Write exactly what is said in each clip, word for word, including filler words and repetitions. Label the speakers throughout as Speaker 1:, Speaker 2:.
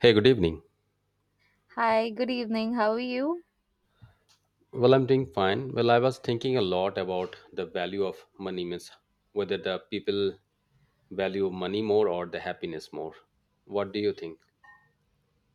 Speaker 1: Hey, good evening.
Speaker 2: Hi, good evening. How are you?
Speaker 1: Well, I'm doing fine. Well, I was thinking a lot about the value of money, means whether the people value money more or the happiness more. What do you think?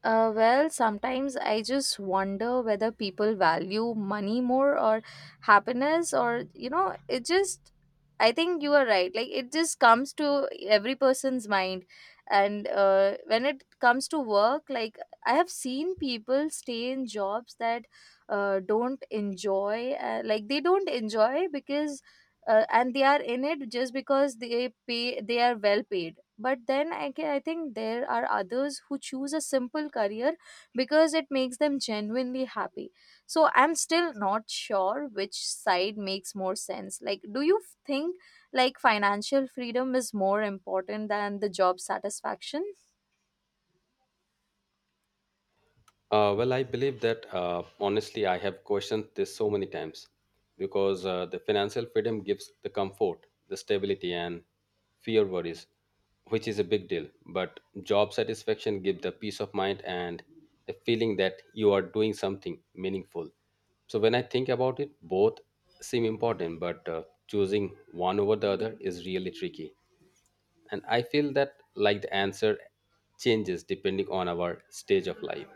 Speaker 2: Uh, well, sometimes I just wonder whether people value money more or happiness, or you know, it just, I think you are right. Like, it just comes to every person's mind. And uh, when it comes to work, like, I have seen people stay in jobs that uh, don't enjoy, uh, like, they don't enjoy because, uh, and they are in it just because they pay, they are well paid, but then I, can, I think there are others who choose a simple career because it makes them genuinely happy. So I'm still not sure which side makes more sense. Like, do you think like financial freedom is more important than the job satisfaction?
Speaker 1: Uh, well, I believe that uh, honestly, I have questioned this so many times because uh, the financial freedom gives the comfort, the stability, and fear worries, which is a big deal. But job satisfaction gives the peace of mind and the feeling that you are doing something meaningful. So when I think about it, both seem important, but uh, choosing one over the other is really tricky. And I feel that like the answer changes depending on our stage of life.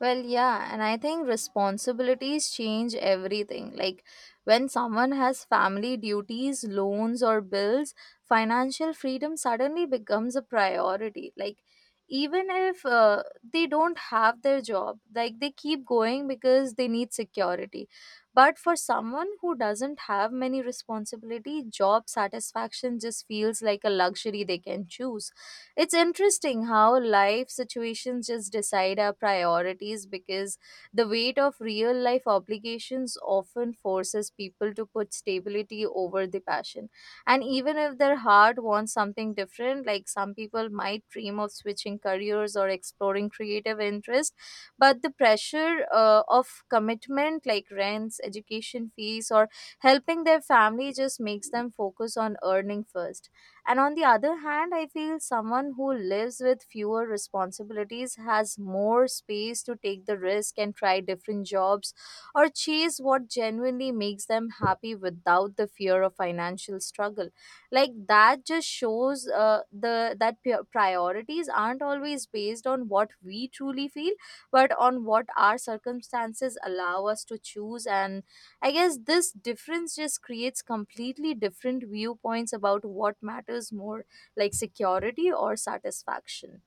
Speaker 2: Well, yeah, and I think responsibilities change everything. Like, when someone has family duties, loans, or bills, financial freedom suddenly becomes a priority. Like, even if uh, they don't have their job, like, they keep going because they need security. But for someone who doesn't have many responsibility, job satisfaction just feels like a luxury they can choose. It's interesting how life situations just decide our priorities, because the weight of real life obligations often forces people to put stability over the passion. And even if their heart wants something different, like, some people might dream of switching careers or exploring creative interests, but the pressure uh, of commitment, like rents, education fees, or helping their family, just makes them focus on earning first. And on the other hand, I feel someone who lives with fewer responsibilities has more space to take the risk and try different jobs or chase what genuinely makes them happy without the fear of financial struggle. Like, that just shows uh, the that pi- priorities aren't always based on what we truly feel, but on what our circumstances allow us to choose. And I guess this difference just creates completely different viewpoints about what matters more, like security or satisfaction.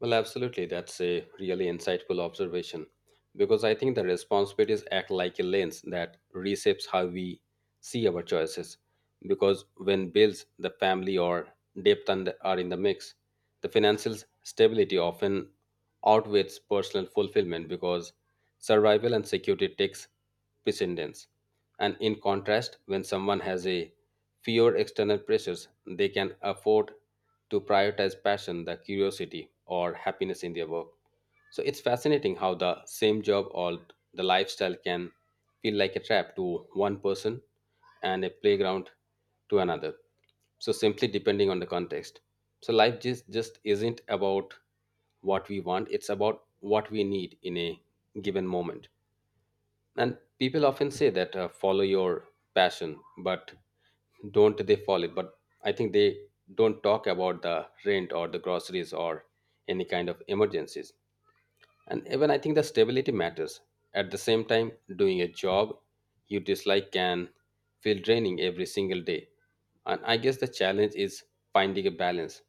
Speaker 1: Well, absolutely. That's a really insightful observation because I think the responsibilities act like a lens that reshapes how we see our choices. Because when bills, the family, or debt and- are in the mix, the financial stability often outweighs personal fulfillment because survival and security takes precedence. And in contrast, when someone has a fewer external pressures, they can afford to prioritize passion, the curiosity, or happiness in their work. So it's fascinating how the same job or the lifestyle can feel like a trap to one person and a playground to another, so simply depending on the context. So life just, just isn't about what we want, it's about what we need in a given moment. And people often say that uh, follow your passion, but don't they follow it? But I think they don't talk about the rent or the groceries or any kind of emergencies. And even I think the stability matters. At the same time, doing a job you dislike can feel draining every single day. And I guess the challenge is finding a balance.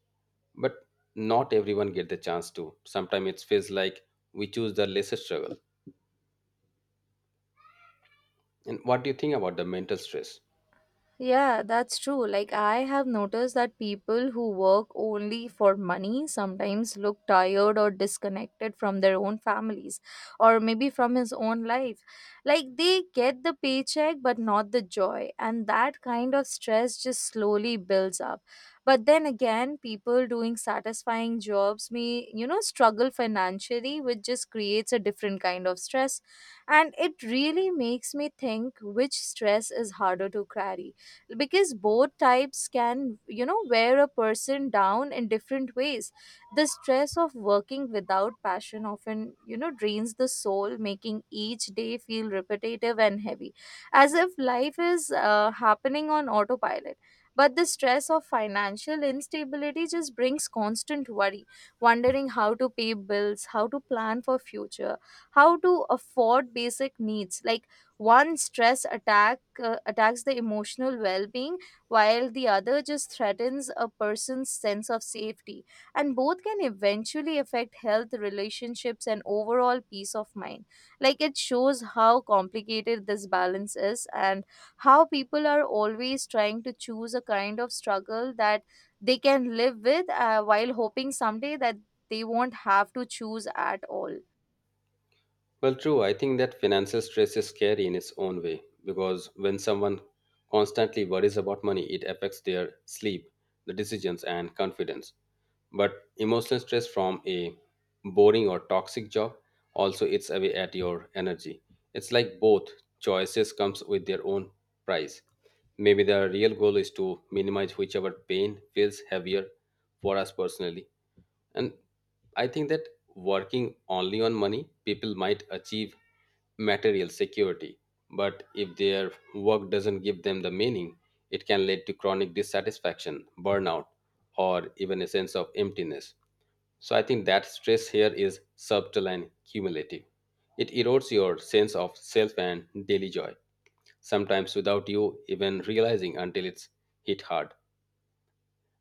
Speaker 1: But not everyone get the chance to. Sometimes it feels like we choose the lesser struggle. And what do you think about the mental stress?
Speaker 2: Yeah, that's true. Like, I have noticed that people who work only for money sometimes look tired or disconnected from their own families, or maybe from his own life. Like, they get the paycheck but not the joy, and that kind of stress just slowly builds up. But then again, people doing satisfying jobs may, you know, struggle financially, which just creates a different kind of stress. And it really makes me think which stress is harder to carry, because both types can, you know wear a person down in different ways. The stress of working without passion often, you know drains the soul, making each day feel repetitive and heavy, as if life is uh, happening on autopilot. But the stress of financial instability just brings constant worry, wondering how to pay bills, how to plan for future, how to afford basic needs. Like, one stress attack uh, attacks the emotional well-being, while the other just threatens a person's sense of safety, and both can eventually affect health, relationships, and overall peace of mind. Like, it shows how complicated this balance is, and how people are always trying to choose a kind of struggle that they can live with, uh, while hoping someday that they won't have to choose at all.
Speaker 1: Well, true, I think that financial stress is scary in its own way because when someone constantly worries about money, it affects their sleep, the decisions, and confidence. But emotional stress from a boring or toxic job also eats away at your energy. It's like both choices comes with their own price. Maybe the real goal is to minimize whichever pain feels heavier for us personally. And I think that working only on money, people might achieve material security, but if their work doesn't give them the meaning, it can lead to chronic dissatisfaction, burnout, or even a sense of emptiness. So I think that stress here is subtle and cumulative. It erodes your sense of self and daily joy, sometimes without you even realizing until it's hit hard.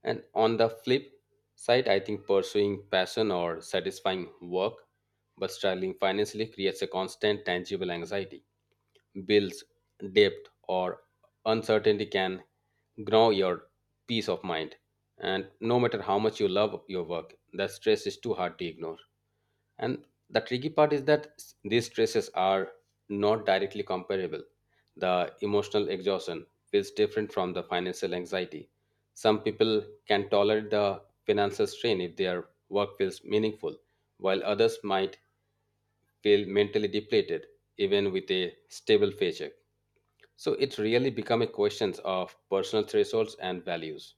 Speaker 1: And on the flip side, I think pursuing passion or satisfying work but struggling financially creates a constant tangible anxiety. Bills, debt, or uncertainty can gnaw your peace of mind. And no matter how much you love your work, that stress is too hard to ignore. And the tricky part is that s- these stresses are not directly comparable. The emotional exhaustion feels different from the financial anxiety. Some people can tolerate the financial strain if their work feels meaningful, while others might feel mentally depleted even with a stable paycheck. So it really becomes a question of personal thresholds and values.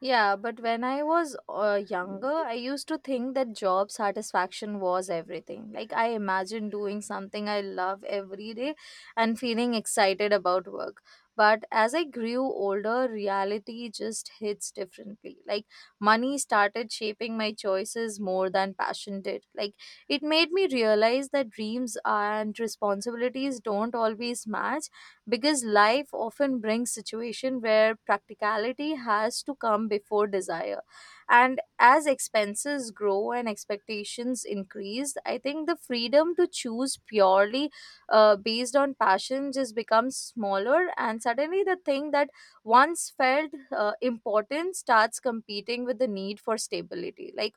Speaker 2: Yeah, but when I was uh, younger, I used to think that job satisfaction was everything. Like, I imagine doing something I love every day and feeling excited about work. But as I grew older, reality just hits differently. Like, money started shaping my choices more than passion did. Like, it made me realize that dreams and responsibilities don't always match, because life often brings situation where practicality has to come before desire. And as expenses grow and expectations increase, I think the freedom to choose purely uh, based on passion just becomes smaller, and suddenly the thing that once felt uh, important starts competing with the need for stability. Like,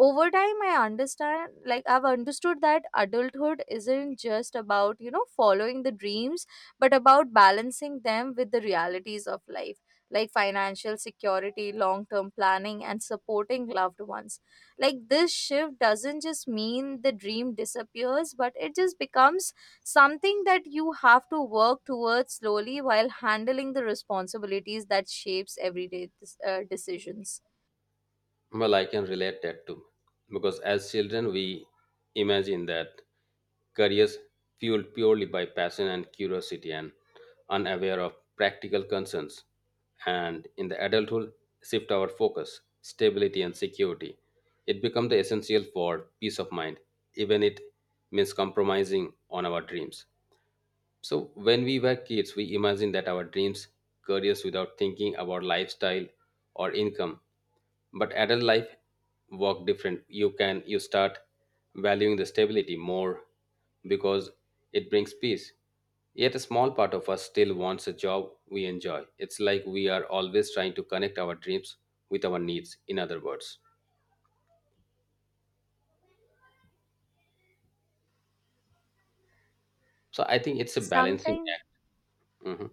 Speaker 2: over time, I understand like I've understood that adulthood isn't just about, you know following the dreams, but about balancing them with the realities of life, like financial security, long term planning, and supporting loved ones. Like, this shift doesn't just mean the dream disappears, but it just becomes something that you have to work towards slowly while handling the responsibilities that shapes everyday dis- uh, decisions
Speaker 1: Well, I can relate that too. Because as children, we imagine that careers fueled purely by passion and curiosity and unaware of practical concerns. And in the adulthood, shift our focus, stability, and security. It becomes the essential for peace of mind, even it means compromising on our dreams. So, when we were kids, we imagined that our dreams, careers without thinking about lifestyle or income. But adult life work different. You can you start valuing the stability more because it brings peace. Yet a small part of us still wants a job we enjoy. It's like we are always trying to connect our dreams with our needs, in other words. So I think it's a balancing
Speaker 2: sometimes.
Speaker 1: act. Mhm.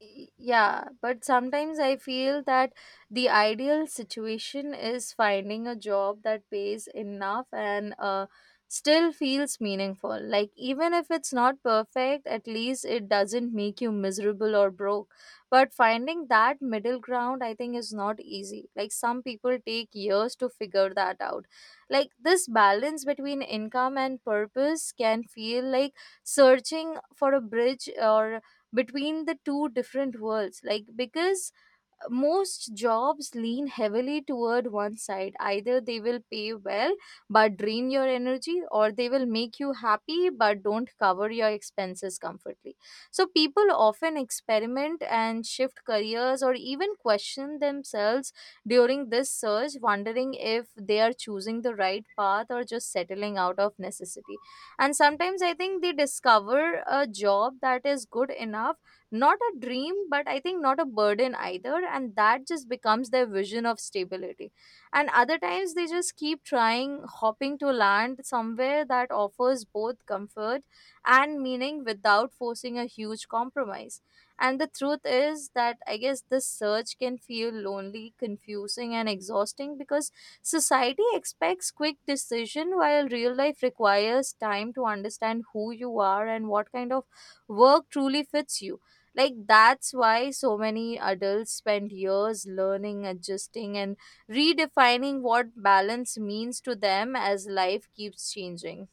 Speaker 2: Y- Yeah, but sometimes I feel that the ideal situation is finding a job that pays enough and uh, still feels meaningful. Like, even if it's not perfect, at least it doesn't make you miserable or broke. But finding that middle ground, I think, is not easy. Like, some people take years to figure that out. Like, this balance between income and purpose can feel like searching for a bridge or between the two different worlds. Like, because most jobs lean heavily toward one side, either they will pay well but drain your energy, or they will make you happy but don't cover your expenses comfortably. So people often experiment and shift careers, or even question themselves during this search, wondering if they are choosing the right path or just settling out of necessity. And sometimes I think they discover a job that is good enough, not a dream, but I think not a burden either. And that just becomes their vision of stability. And other times they just keep trying, hopping to land somewhere that offers both comfort and meaning without forcing a huge compromise. And the truth is that, I guess, this search can feel lonely, confusing, and exhausting, because society expects quick decision while real life requires time to understand who you are and what kind of work truly fits you. Like, that's why so many adults spend years learning, adjusting, and redefining what balance means to them as life keeps changing.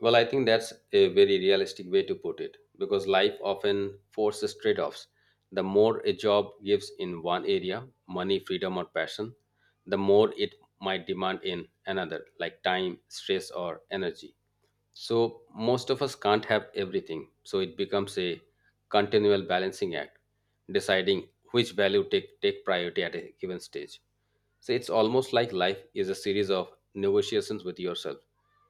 Speaker 1: Well, I think that's a very realistic way to put it because life often forces trade offs. The more a job gives in one area, money, freedom, or passion, the more it might demand in another, like time, stress, or energy. So most of us can't have everything, so it becomes a continual balancing act, deciding which value take take priority at a given stage. So it's almost like life is a series of negotiations with yourself.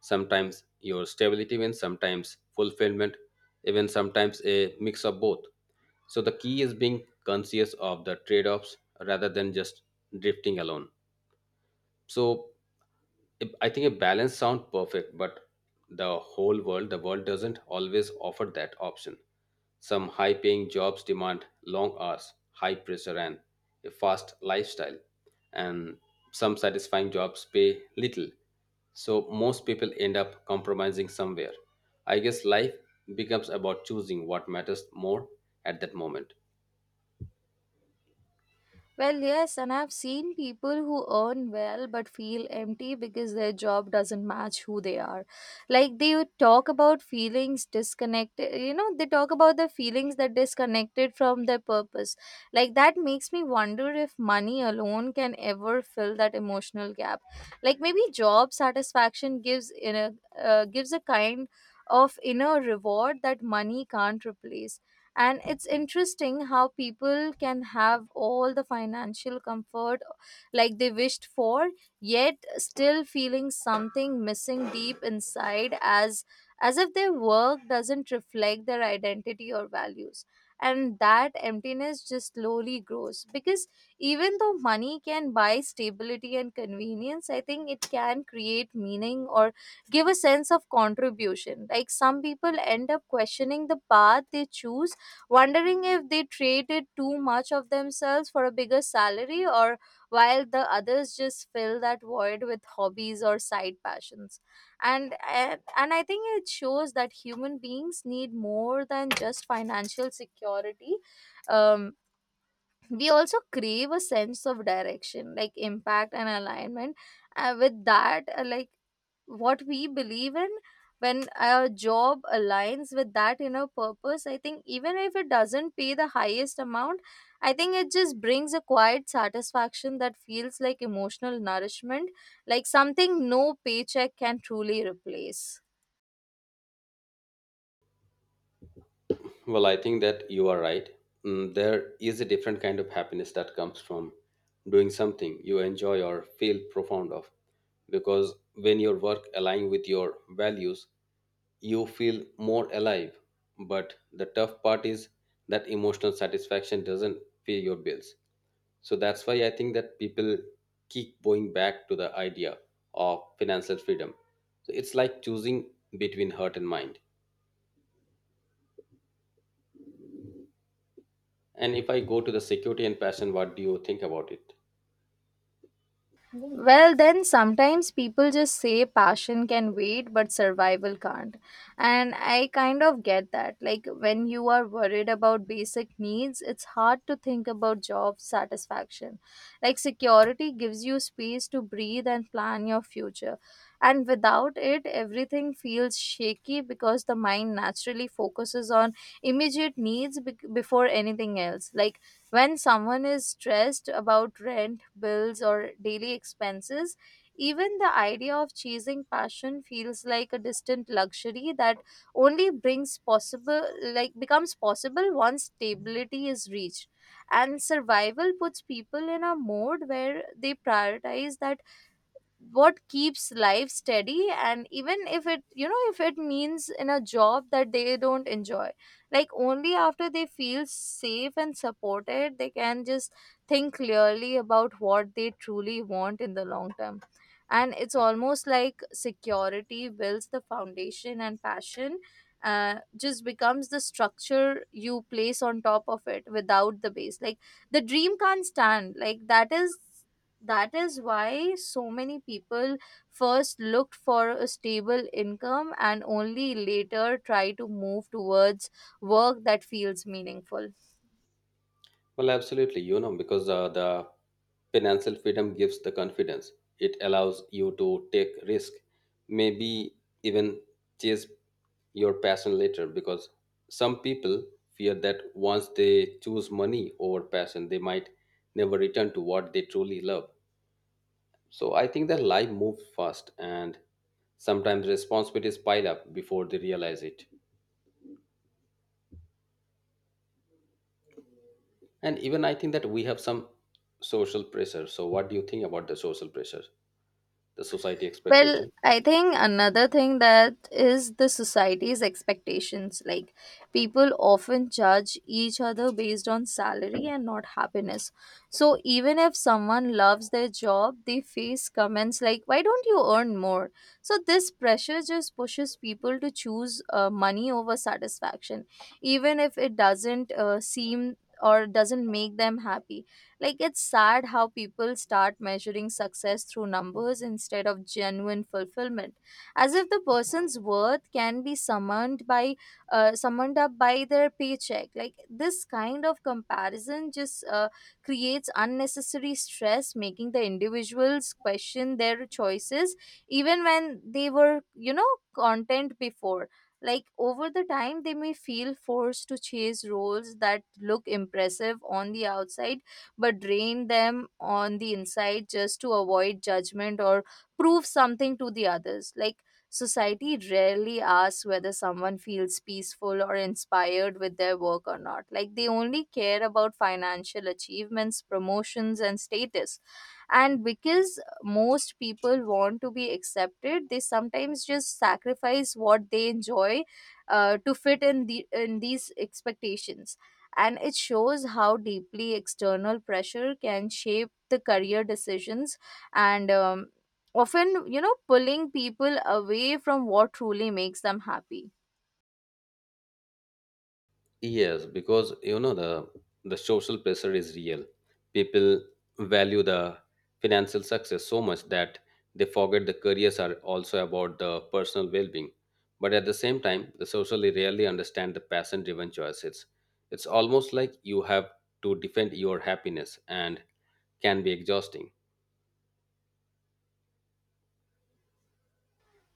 Speaker 1: Sometimes your stability wins, sometimes fulfillment, even sometimes a mix of both. So the key is being conscious of the trade-offs rather than just drifting alone. So I think a balance sounds perfect, but the whole world, the world doesn't always offer that option. Some high paying jobs demand long hours, high pressure, and a fast lifestyle. And some satisfying jobs pay little. So most people end up compromising somewhere. I guess life becomes about choosing what matters more at that moment.
Speaker 2: Well, yes, and I've seen people who earn well but feel empty because their job doesn't match who they are. Like, they would talk about feelings disconnected, you know, they talk about the feelings that disconnected from their purpose. Like, that makes me wonder if money alone can ever fill that emotional gap. Like, maybe job satisfaction gives in a uh, gives a kind of inner reward that money can't replace. And it's interesting how people can have all the financial comfort, uh, like they wished for, yet still feeling something missing deep inside, as as if their work doesn't reflect their identity or values. And that emptiness just slowly grows, because even though money can buy stability and convenience, I think it can create meaning or give a sense of contribution. Like, some people end up questioning the path they choose, wondering if they traded too much of themselves for a bigger salary, or while the others just fill that void with hobbies or side passions. And and, and I think it shows that human beings need more than just financial security. um, we also crave a sense of direction, like impact and alignment uh, with that, uh, like what we believe in. When our job aligns with that inner purpose, I think even if it doesn't pay the highest amount, I think it just brings a quiet satisfaction that feels like emotional nourishment, like something no paycheck can truly replace.
Speaker 1: Well, I think that you are right. Mm, There is a different kind of happiness that comes from doing something you enjoy or feel profound of. Because when your work aligns with your values, you feel more alive. But the tough part is that emotional satisfaction doesn't pay your bills. So that's why I think that people keep going back to the idea of financial freedom. So it's like choosing between heart and mind. And if I go to the security and passion, what do you think about it?
Speaker 2: Well, then sometimes people just say passion can wait, but survival can't. And I kind of get that. Like, when you are worried about basic needs, it's hard to think about job satisfaction. Like, security gives you space to breathe and plan your future. And without it, everything feels shaky, because the mind naturally focuses on immediate needs bec before anything else. Like, when someone is stressed about rent, bills, or daily expenses, even the idea of chasing passion feels like a distant luxury that only brings possible, like, becomes possible once stability is reached. And survival puts people in a mode where they prioritize that what keeps life steady, and even if it, you know if it means in a job that they don't enjoy, like, only after they feel safe and supported they can just think clearly about what they truly want in the long term. And it's almost like security builds the foundation and passion uh, just becomes the structure you place on top of it. Without the base, like, the dream can't stand. Like, that is that is why so many people first looked for a stable income and only later try to move towards work that feels meaningful.
Speaker 1: Well, absolutely, you know, because uh, the financial freedom gives the confidence. It allows you to take risk, maybe even chase your passion later. Because some people fear that once they choose money over passion, they might never return to what they truly love. So I think that life moves fast, and sometimes responsibilities pile up before they realize it. And even I think that we have some social pressure. So what do you think about the social pressure, the society
Speaker 2: Well,
Speaker 1: expectation?
Speaker 2: I think another thing that is the society's expectations. Like, people often judge each other based on salary and not happiness. So, even if someone loves their job, they face comments like, "Why don't you earn more?" So, this pressure just pushes people to choose uh, money over satisfaction, even if it doesn't uh, seem or doesn't make them happy. Like, it's sad how people start measuring success through numbers instead of genuine fulfillment, as if the person's worth can be summoned by, uh, summoned up by their paycheck. Like this kind of comparison just uh, creates unnecessary stress, making the individuals question their choices even when they were, you know, content before. Like over the time, they may feel forced to chase roles that look impressive on the outside but drain them on the inside just to avoid judgment or prove something to the others. Like society rarely asks whether someone feels peaceful or inspired with their work or not. Like they only care about financial achievements, promotions, and status, and because most people want to be accepted they sometimes just sacrifice what they enjoy uh, to fit in the in these expectations, and it shows how deeply external pressure can shape the career decisions and um, often you know pulling people away from what truly makes them happy.
Speaker 1: Yes, because you know the the social pressure is real. People value the financial success so much that they forget the careers are also about the personal well-being. But at the same time, the socially rarely understand the passion driven choices. It's almost like you have to defend your happiness and can be exhausting.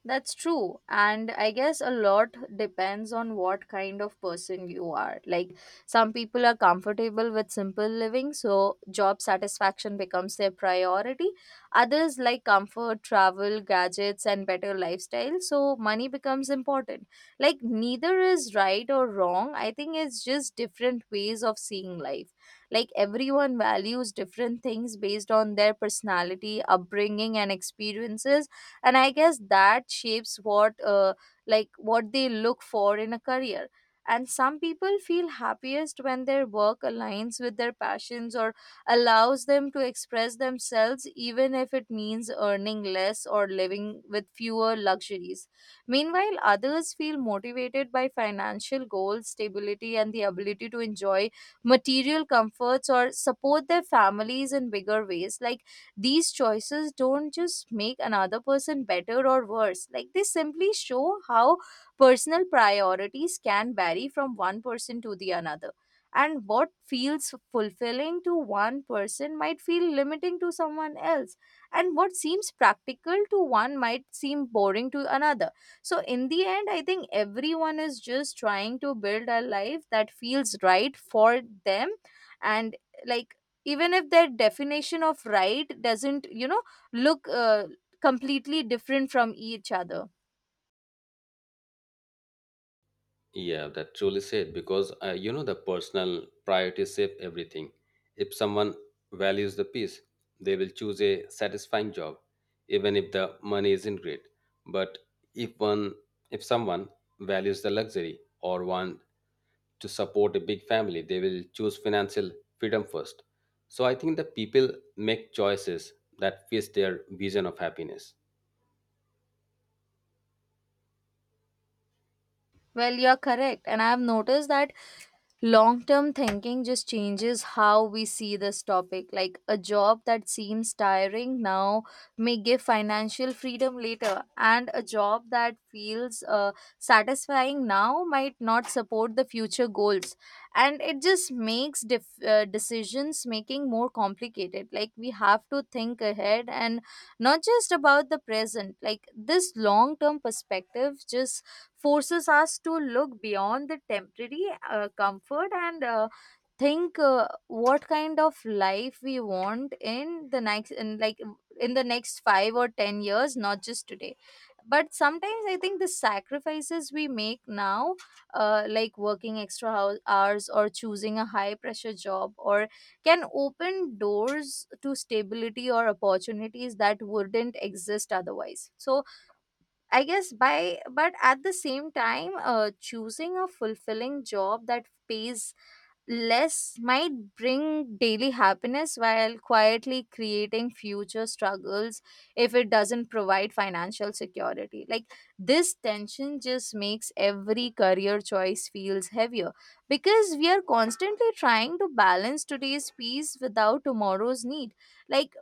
Speaker 2: That's true. And I guess a lot depends on what kind of person you are. Like, some people are comfortable with simple living, so job satisfaction becomes their priority. Others like comfort, travel, gadgets, and better lifestyle, so money becomes important. Like, neither is right or wrong. I think it's just different ways of seeing life. Like, everyone values different things based on their personality, upbringing, and experiences, and I guess that shapes what uh, like what they look for in a career. And some people feel happiest when their work aligns with their passions or allows them to express themselves, even if it means earning less or living with fewer luxuries. Meanwhile, others feel motivated by financial goals, stability, and the ability to enjoy material comforts or support their families in bigger ways. Like, these choices don't just make another person better or worse, like they simply show how personal priorities can vary from one person to the another. And what feels fulfilling to one person might feel limiting to someone else. And what seems practical to one might seem boring to another. So, in the end, I think everyone is just trying to build a life that feels right for them, and like, even if their definition of right doesn't you know look uh, completely different from each other.
Speaker 1: Yeah, that truly said, because uh, you know the personal priorities save everything. If someone values the peace, they will choose a satisfying job, even if the money isn't great. But if one, if someone values the luxury or want to support a big family, they will choose financial freedom first. So I think the people make choices that fits their vision of happiness.
Speaker 2: Well, you're correct, and I have noticed that long term thinking just changes how we see this topic. Like a job that seems tiring now may give financial freedom later, and a job that feels uh, satisfying now might not support the future goals. And it just makes def- uh, decisions making more complicated. Like, we have to think ahead and not just about the present. Like this long term perspective just forces us to look beyond the temporary uh, comfort and uh, think uh, what kind of life we want in the next in like in the next five or ten years, not just today. But sometimes I think the sacrifices we make now, uh, like working extra hou- hours or choosing a high pressure job, or can open doors to stability or opportunities that wouldn't exist otherwise. So I guess by, but at the same time, uh, choosing a fulfilling job that pays less might bring daily happiness while quietly creating future struggles if it doesn't provide financial security. Like this tension just makes every career choice feels heavier because we are constantly trying to balance today's peace without tomorrow's need. Like,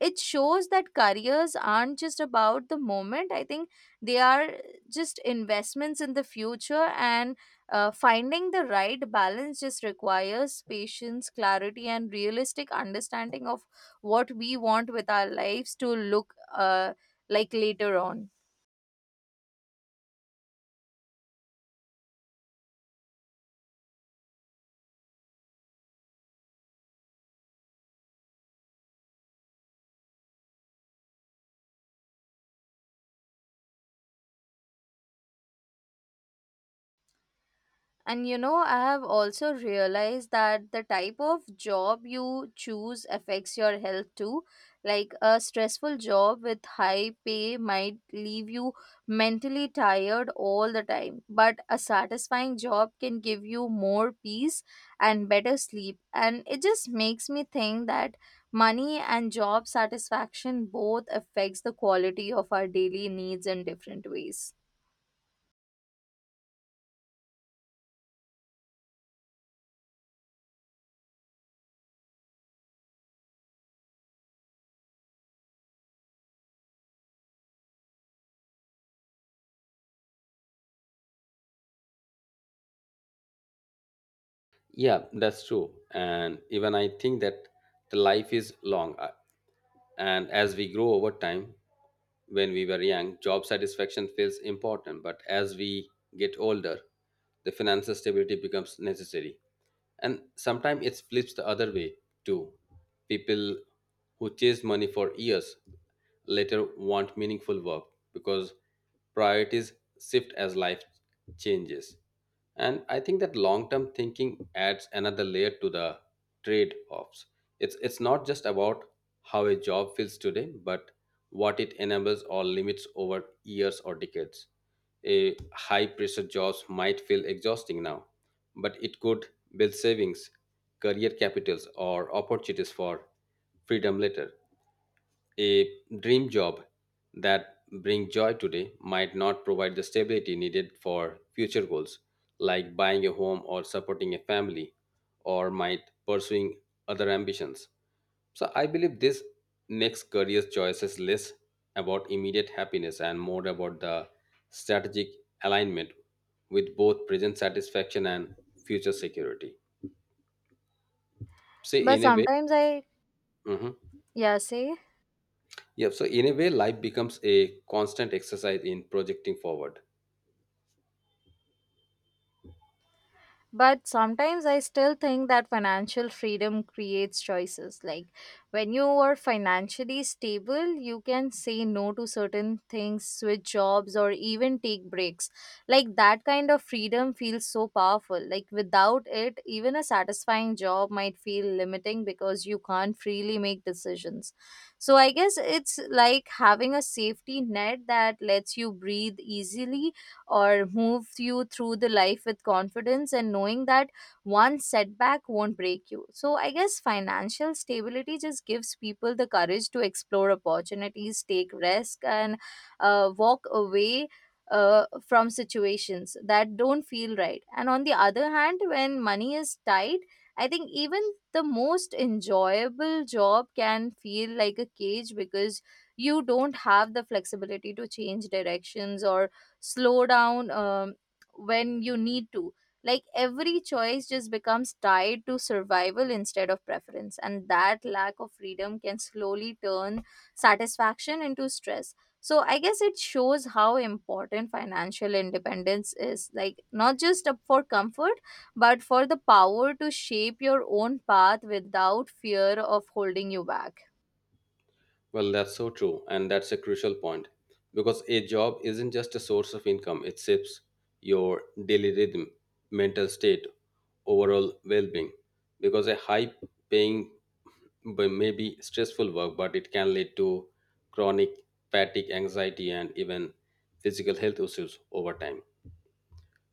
Speaker 2: it shows that careers aren't just about the moment. I think they are just investments in the future, and uh, finding the right balance just requires patience, clarity, and realistic understanding of what we want with our lives to look uh, like later on. And you know, I have also realized that the type of job you choose affects your health too. Like a stressful job with high pay might leave you mentally tired all the time, but a satisfying job can give you more peace and better sleep. And it just makes me think that money and job satisfaction both affects the quality of our daily needs in different ways.
Speaker 1: Yeah, that's true. And even I think that the life is long. Uh, And as we grow over time, when we were young, job satisfaction feels important. But as we get older, the financial stability becomes necessary. And sometimes it flips the other way too. People who chase money for years later want meaningful work because priorities shift as life changes. And I think that long term thinking adds another layer to the trade offs. It's it's not just about how a job feels today, but what it enables or limits over years or decades. A high pressure jobs might feel exhausting now, but it could build savings, career capitals, or opportunities for freedom later. A dream job that brings joy today might not provide the stability needed for future goals, like buying a home or supporting a family, or might pursuing other ambitions. So I believe this makes career choices less about immediate happiness and more about the strategic alignment with both present satisfaction and future security. See,
Speaker 2: But
Speaker 1: in a way,
Speaker 2: sometimes I,
Speaker 1: mhm.
Speaker 2: yeah, say.
Speaker 1: Yeah, so in a way, life becomes a constant exercise in projecting forward.
Speaker 2: But sometimes I still think that financial freedom creates choices. Like when you are financially stable, you can say no to certain things, switch jobs, or even take breaks. Like that kind of freedom feels so powerful. Like without it, even a satisfying job might feel limiting because you can't freely make decisions. So I guess it's like having a safety net that lets you breathe easily or moves you through the life with confidence and knowing that one setback won't break you. So I guess financial stability just gives people the courage to explore opportunities, take risk, and uh, walk away uh, from situations that don't feel right. And on the other hand, when money is tight, I think even the most enjoyable job can feel like a cage because you don't have the flexibility to change directions or slow down um, when you need to. Like every choice just becomes tied to survival instead of preference, and that lack of freedom can slowly turn satisfaction into stress. So I guess it shows how important financial independence is. Like, not just up for comfort, but for the power to shape your own path without fear of holding you back.
Speaker 1: Well, that's so true, and that's a crucial point because a job isn't just a source of income, it shapes your daily rhythm, mental state, overall well being. Because a high paying but maybe stressful work, but it can lead to chronic fatigue, anxiety, and even physical health issues over time.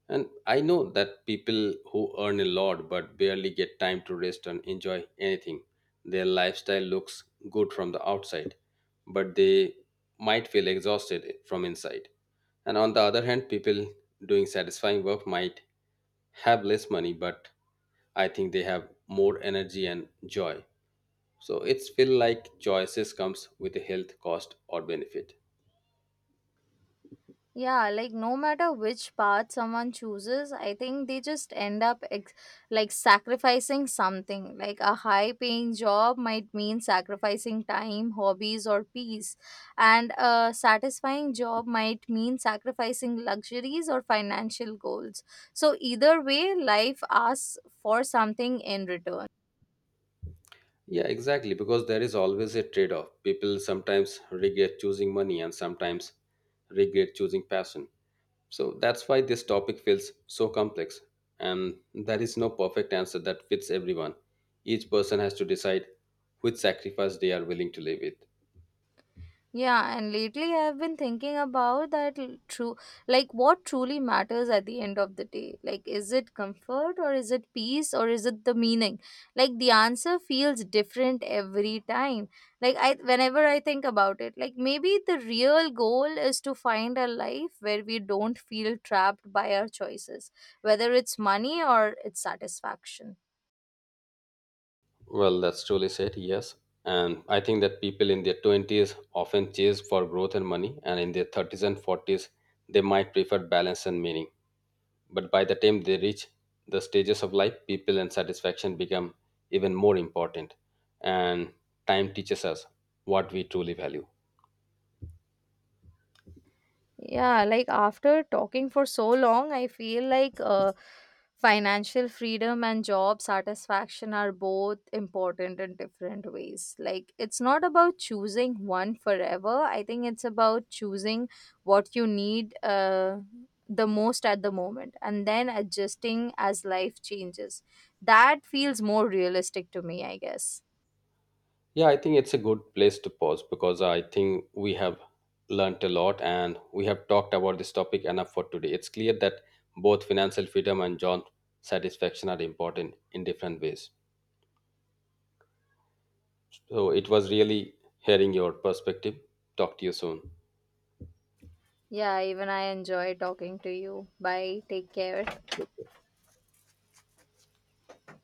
Speaker 1: And I know that people who earn a lot but barely get time to rest and enjoy anything. Their lifestyle looks good from the outside, but they might feel exhausted from inside. And on the other hand, people doing satisfying work might have less money, but I think they have more energy and joy. So it's feel like choices comes with a health cost or benefit.
Speaker 2: Yeah, like no matter which path someone chooses, I think they just end up ex- like sacrificing something. Like a high paying job might mean sacrificing time, hobbies, or peace. And a satisfying job might mean sacrificing luxuries or financial goals. So, either way, life asks for something in return.
Speaker 1: Yeah, exactly. Because there is always a trade off. People sometimes regret choosing money and sometimes regret choosing passion. So that's why this topic feels so complex. And there is no perfect answer that fits everyone. Each person has to decide which sacrifice they are willing to live with.
Speaker 2: Yeah, and lately I've been thinking about that l- true, like what truly matters at the end of the day. Like, is it comfort, or is it peace, or is it the meaning? Like, the answer feels different every time. Like, I whenever I think about it, like maybe the real goal is to find a life where we don't feel trapped by our choices, whether it's money or it's satisfaction.
Speaker 1: Well, that's truly said, yes. And I think that people in their twenties often chase for growth and money, and in their thirties and forties, they might prefer balance and meaning. But by the time they reach the stages of life, people and satisfaction become even more important. And time teaches us what we truly value.
Speaker 2: Yeah, like after talking for so long, I feel like uh, financial freedom and job satisfaction are both important in different ways. Like, it's not about choosing one forever. I think it's about choosing what you need uh, the most at the moment and then adjusting as life changes. That feels more realistic to me, I guess.
Speaker 1: Yeah, I think it's a good place to pause because I think we have learnt a lot and we have talked about this topic enough for today. It's clear that both financial freedom and job satisfaction are important in different ways. So it was really hearing your perspective. Talk to you soon.
Speaker 2: Yeah, even I enjoy talking to you. Bye. Take care.